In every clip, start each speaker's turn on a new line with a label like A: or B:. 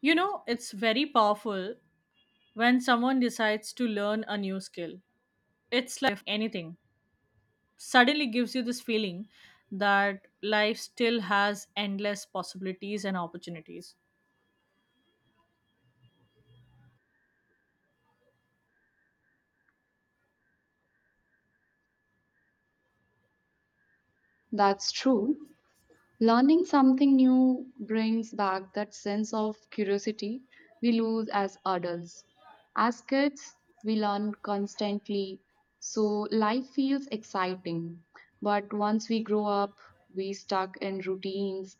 A: You know, it's very powerful when someone decides to learn a new skill. It's like anything suddenly gives you this feeling that life still has endless possibilities and opportunities.
B: That's true. Learning something new brings back that sense of curiosity we lose as adults. As kids, we learn constantly, so life feels exciting. But once we grow up, we stuck in routines.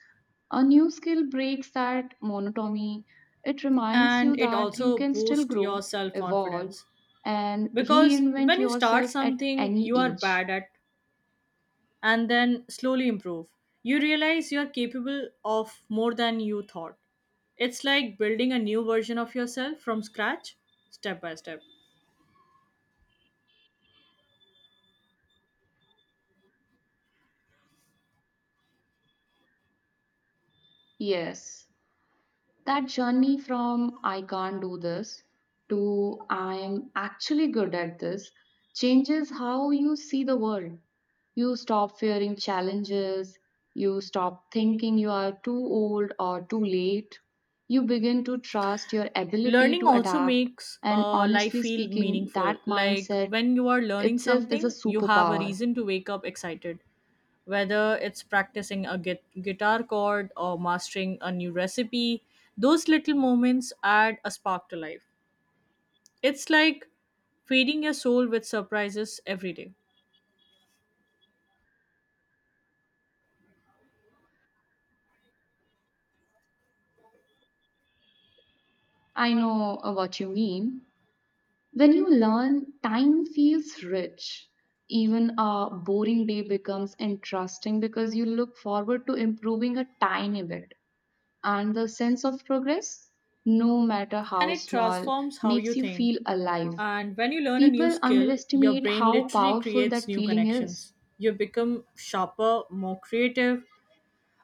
B: A new skill breaks that monotony. It reminds you
A: And it
B: that you
A: also
B: can still
A: boosts your
B: grow,
A: self
B: evolve,
A: confidence
B: and
A: because
B: reinvent
A: when you start
B: yourself at
A: something
B: any
A: you are
B: age.
A: bad at and then slowly improve, you realize you are capable of more than you thought. It's like building a new version of yourself from scratch, step by step.
B: Yes. That journey from I can't do this to I'm actually good at this changes how you see the world. You stop fearing challenges, you stop thinking you are too old or too late. You begin to trust your ability
A: Learning
B: to
A: also
B: adapt,
A: makes
B: and
A: life
B: honestly
A: feel
B: speaking,
A: meaningful,
B: that
A: like
B: mindset
A: when you are learning
B: itself is a
A: something you have a
B: superpower.
A: reason to wake up excited, whether it's practicing a guitar chord or mastering a new recipe. Those little moments add a spark to life. It's like feeding your soul with surprises every day,
B: I know, what you mean. When you learn, time feels rich. Even a boring day becomes interesting because you look forward to improving a tiny bit. And the sense of progress, no matter
A: and
B: how
A: it
B: small,
A: transforms how you
B: makes you
A: think.
B: feel alive.
A: And when you learn a new
B: People
A: skill your
B: underestimate
A: brain
B: how
A: literally
B: powerful
A: creates
B: that
A: new
B: feeling is.
A: connections. You become sharper, more creative.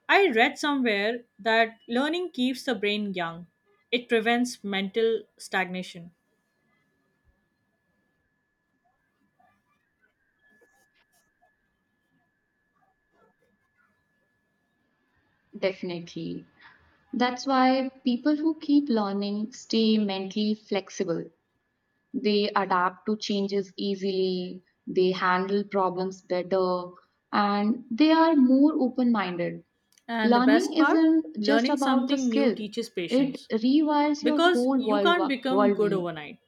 A: I read somewhere that learning keeps the brain young. It prevents mental stagnation.
B: Definitely. That's why people who keep learning stay mentally flexible. They adapt to changes easily, they handle problems better, and they are more open minded.
A: And the
B: Learning
A: best part,
B: isn't just
A: learning
B: about the
A: something new
B: skill,
A: teaches
B: it
A: patience
B: rewires your
A: because
B: whole
A: you can't
B: world,
A: become good
B: worldview.
A: overnight.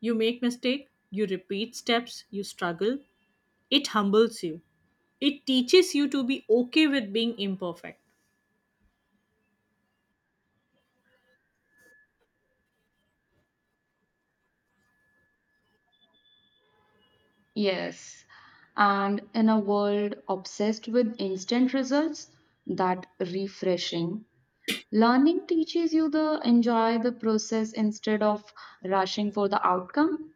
A: You make mistake, you repeat steps, you struggle. It humbles you. It teaches you to be okay with being imperfect.
B: Yes. And in a world obsessed with instant results, that refreshing. Learning teaches you to enjoy the process instead of rushing for the outcome.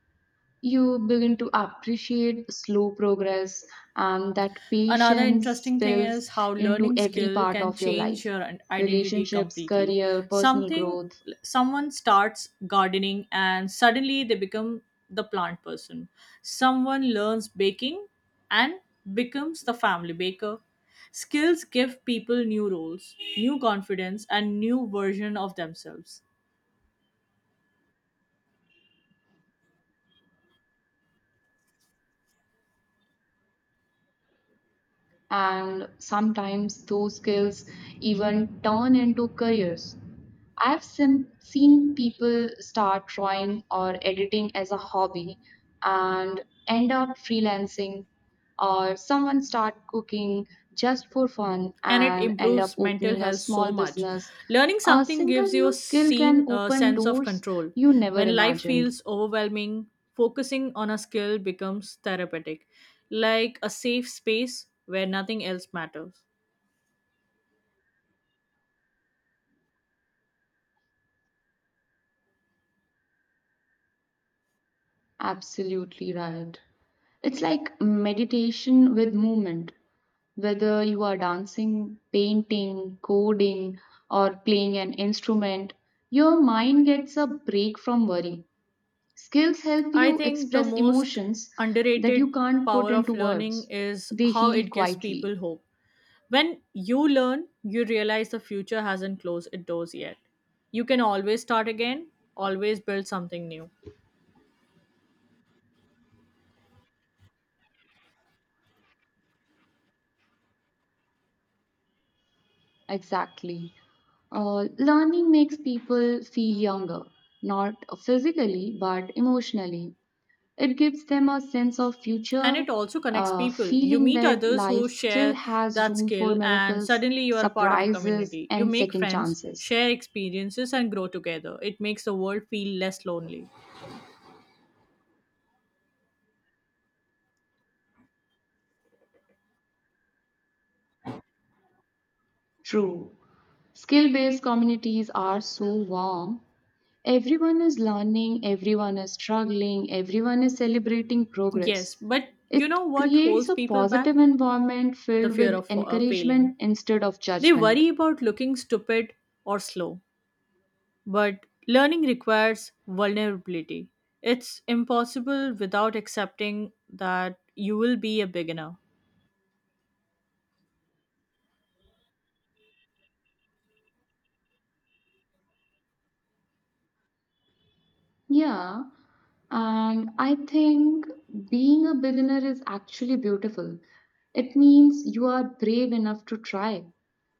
B: You begin to appreciate slow progress and that
A: Another
B: patience
A: interesting thing
B: spills
A: is how
B: into
A: learning
B: every
A: skill
B: part
A: can
B: of your
A: change
B: life:
A: your identity
B: relationships,
A: completely.
B: career, personal
A: Something
B: growth,
A: someone starts gardening and suddenly they become the plant person. Someone learns baking and becomes the family baker. Skills give people new roles, new confidence and new version of themselves.
B: and sometimes those skills even turn into careers. I've seen people start drawing or editing as a hobby and end up freelancing, or someone start cooking just for fun
A: And it
B: and end up
A: improves mental
B: opening a
A: health so
B: small
A: much.
B: business.
A: Learning
B: A
A: something
B: single
A: gives you
B: new
A: a
B: skill can open
A: sense of
B: doors
A: control.
B: you never
A: When life
B: imagined.
A: feels overwhelming, focusing on a skill becomes therapeutic, like a safe space where nothing else matters.
B: Absolutely right. It's like meditation with movement. Whether you are dancing, painting, coding, or playing an instrument, your mind gets a break from worry. Skills help
A: I
B: you
A: think the
B: express
A: most
B: emotions that you
A: underrated
B: can't put
A: power
B: into
A: of learning
B: words.
A: is
B: They
A: how
B: heal
A: it gives
B: quietly.
A: people hope. When you learn, you realize the future hasn't closed its doors yet. You can always start again, always build something new.
B: Exactly. Learning makes people feel younger, not physically, but emotionally. It gives them a sense of
A: And
B: future,
A: it also connects
B: a
A: people. You
B: feeling
A: meet
B: that
A: others who
B: life still
A: share
B: has
A: that
B: room for
A: skill, and
B: miracles,
A: suddenly you are a part of a
B: surprises,
A: community. You
B: and
A: make
B: second
A: friends,
B: chances.
A: share experiences, and grow together. It makes the world feel less lonely.
B: True. Skill based communities are so warm. Everyone is learning, everyone is struggling, everyone is celebrating
A: Yes,
B: progress.
A: but you
B: It
A: know what
B: creates
A: holds
B: a
A: people
B: positive
A: back?
B: environment
A: The
B: filled
A: fear
B: with
A: of failing.
B: encouragement instead of
A: They
B: judgment.
A: worry about looking stupid or slow. But learning requires vulnerability. It's impossible without accepting that you will be a beginner.
B: Yeah, and I think being a beginner is actually beautiful. It means you are brave enough to try.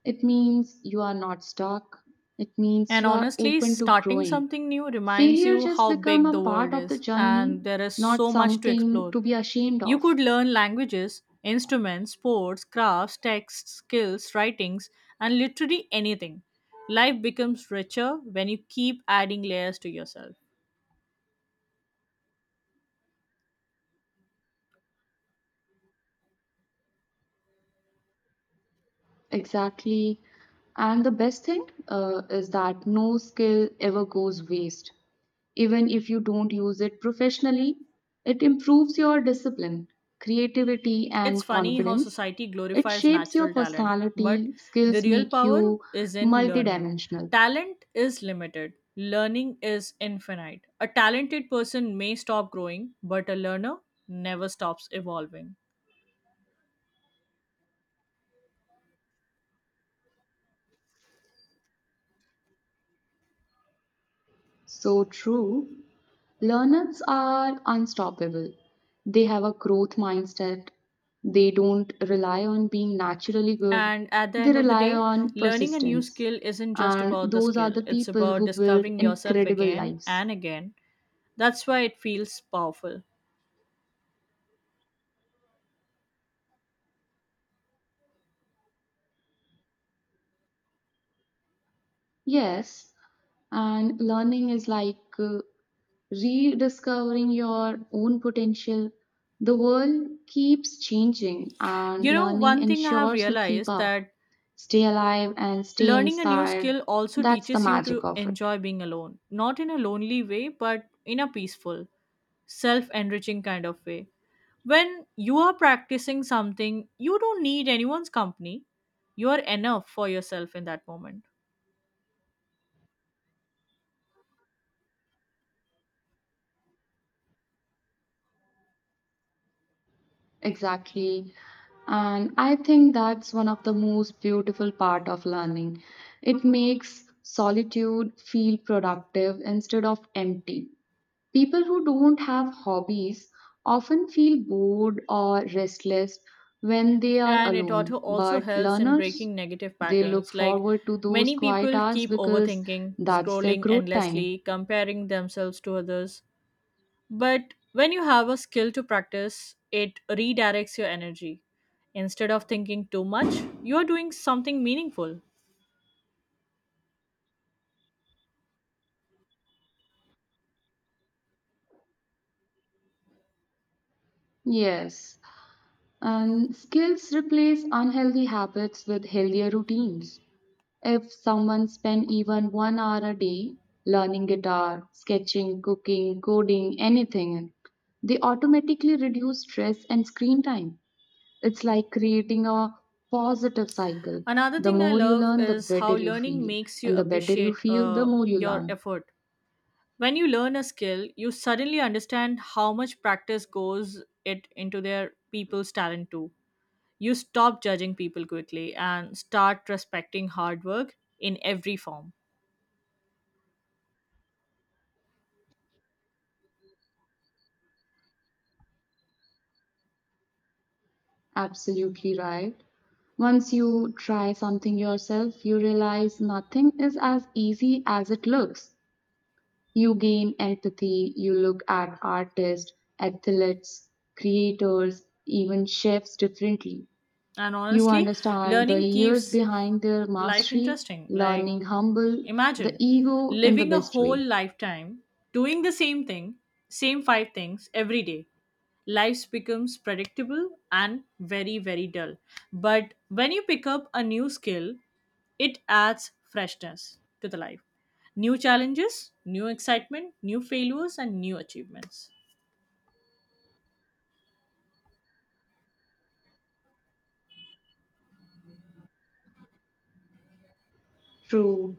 B: It means you are not stuck. It means
A: And
B: you are
A: honestly,
B: open to
A: starting
B: growing.
A: something new reminds
B: Failure
A: you
B: just
A: how
B: become
A: big
B: a
A: the
B: part
A: world
B: of the
A: is,
B: journey,
A: and there is
B: not
A: so much to
B: something
A: explore.
B: to be ashamed
A: You
B: of.
A: could learn languages, instruments, sports, crafts, texts, skills, writings, and literally anything. Life becomes richer when you keep adding layers to yourself.
B: Exactly. And the best thing, is that no skill ever goes waste. Even if you don't use it professionally, it improves your discipline, creativity,
A: It's
B: and
A: funny how
B: confidence.
A: society
B: It
A: glorifies
B: shapes your
A: natural talent, but
B: personality,
A: the
B: skills
A: real
B: make
A: power
B: you
A: is in learning.
B: multidimensional.
A: Talent is limited, learning is infinite. A talented person may stop growing, but a learner never stops evolving.
B: So true, learners are unstoppable. They have a growth mindset. They don't rely on being naturally good.
A: And at the
B: They
A: end of the
B: rely
A: day,
B: on
A: learning a new
B: persistence.
A: skill isn't just
B: And
A: about the
B: those are
A: skill,
B: the
A: it's
B: people
A: about
B: who build
A: discovering yourself
B: incredible
A: again
B: lives.
A: and again. That's why it feels powerful.
B: Yes, and learning is like, rediscovering your own potential. The world keeps changing, and
A: You know,
B: learning
A: one thing I have
B: ensures you keep
A: realized
B: up,
A: that
B: stay alive, and stay
A: learning a new
B: inspired.
A: skill also
B: That's the
A: teaches you
B: magic
A: to
B: of it.
A: enjoy being alone, not in a lonely way, but in a peaceful, self enriching kind of way. When you are practicing something, you don't need anyone's company. You are enough for yourself in that moment.
B: Exactly. And I think that's one of the most beautiful part of learning. It makes solitude feel productive instead of empty. People who don't have hobbies often feel bored or restless when they are
A: And it
B: alone,
A: also
B: but
A: helps in
B: learners,
A: breaking negative
B: they look
A: patterns. Like,
B: forward to those
A: many
B: quiet
A: people
B: hours
A: keep
B: because
A: overthinking,
B: that's their
A: scrolling
B: growth time.
A: endlessly, comparing themselves to others. But when you have a skill to practice, it redirects your energy. Instead of thinking too much, you are doing something meaningful.
B: Yes, and skills replace unhealthy habits with healthier routines. If someone spent even 1 hour a day learning guitar, sketching, cooking, coding, anything, they automatically reduce stress and screen time. It's like creating a positive cycle.
A: Another
B: The
A: thing I
B: more you
A: love
B: learn, the
A: is
B: better
A: how
B: you
A: learning
B: feel.
A: makes you
B: And the better you
A: appreciate
B: feel, the more you
A: your
B: learn.
A: effort. When you learn a skill, you suddenly understand how much practice goes it into their people's talent too. You stop judging people quickly and start respecting hard work in every form.
B: Absolutely right. Once you try something yourself, you realize nothing is as easy as it looks. You gain empathy, you look at artists, athletes, creators, even chefs differently.
A: And
B: You
A: honestly,
B: understand the
A: learning
B: years
A: keeps
B: behind their
A: life
B: mastery,
A: interesting. Like,
B: learning humble, the
A: imagine
B: ego in the
A: living a
B: best
A: whole
B: way.
A: lifetime doing the same thing, same five things every day. Life becomes predictable and very, very dull. But when you pick up a new skill, it adds freshness to the life. New challenges, new excitement, new failures, and new achievements.
B: True.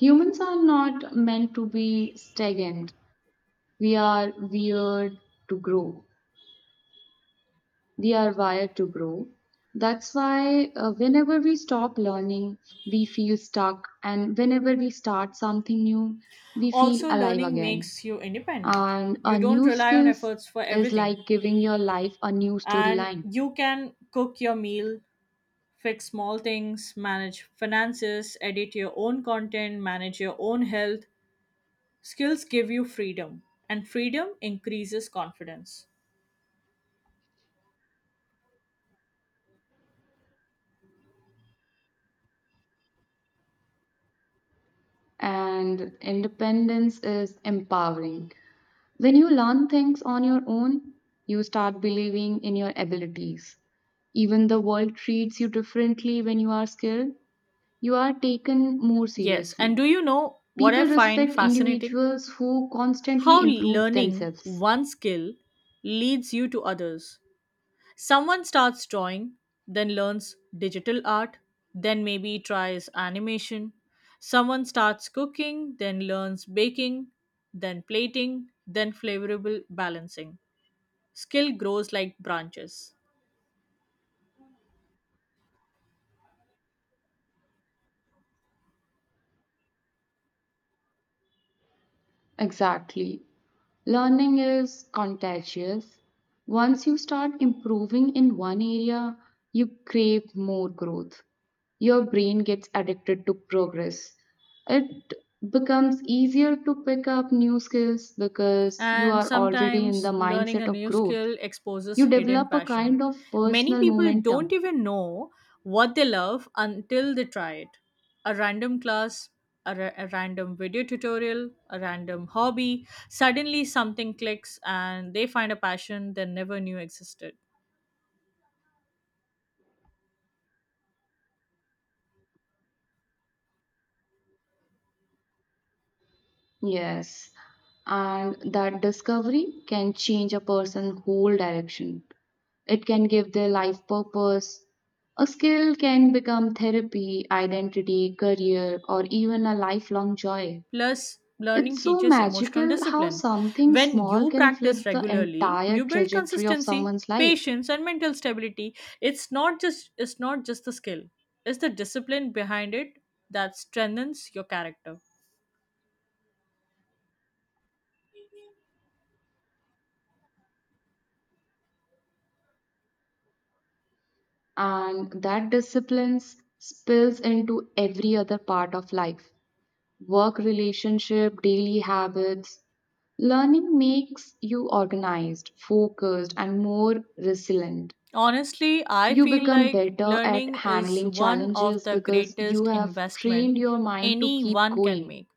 B: Humans are not meant to be stagnant. We are wired to grow. We are wired to grow. That's why, whenever we stop learning, we feel stuck. And whenever we start something new, we feel
A: Also,
B: alive
A: learning
B: again.
A: makes you independent.
B: And
A: You
B: a
A: don't
B: new
A: rely on
B: skills
A: efforts for
B: is
A: everything.
B: like giving your life a new
A: And
B: storyline.
A: you can cook your meal, fix small things, manage finances, edit your own content, manage your own health. Skills give you freedom, and freedom increases confidence.
B: And independence is empowering. When you learn things on your own, you start believing in your abilities. Even the world treats you differently when you are skilled. You are taken more
A: Yes, and
B: seriously.
A: do you know what I
B: People
A: find
B: respect
A: fascinating?
B: individuals who constantly
A: How
B: improve
A: learning
B: themselves.
A: one skill leads you to others. Someone starts drawing, then learns digital art, then maybe tries animation. Someone starts cooking, then learns baking, then plating, then flavorable balancing. Skill grows like branches.
B: Exactly. Learning is contagious. Once you start improving in one area, you crave more growth. Your brain gets addicted to progress. It becomes easier to pick up new skills because you
A: And
B: are already in the
A: sometimes learning
B: mindset
A: a
B: of
A: new
B: growth.
A: skill exposes
B: You
A: hidden
B: develop a
A: passion.
B: kind of
A: Many
B: personal
A: people don't
B: momentum.
A: even know what they love until they try it. A random class, a random video tutorial, a random hobby, suddenly something clicks and they find a passion they never knew existed.
B: Yes, and that discovery can change a person's whole direction. It can give their life purpose. A skill can become therapy, identity, career, or even a lifelong joy.
A: Plus, learning
B: It's so
A: teaches emotional
B: magical how
A: discipline.
B: something
A: When
B: small
A: you
B: can
A: practice
B: flip the
A: regularly,
B: entire
A: you build
B: trajectory of
A: consistency,
B: someone's life.
A: patience, and mental stability. It's not just the skill; it's the discipline behind it that strengthens your character.
B: And that discipline spills into every other part of life: work, relationship, daily habits. Learning makes you organized, focused, and more resilient.
A: Honestly, I
B: You
A: feel
B: become
A: like
B: better at
A: learning is
B: handling
A: one of
B: challenges
A: the
B: because you
A: greatest
B: have
A: investment
B: trained your mind to keep
A: anyone can
B: going.
A: make.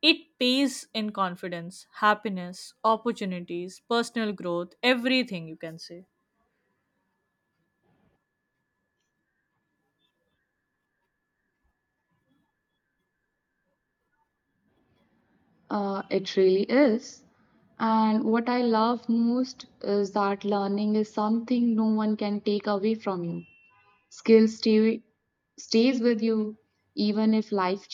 A: It pays in confidence, happiness, opportunities, personal growth, everything you can say.
B: It really is. And what I love most is that learning is something no one can take away from you. Skill stays with you even if life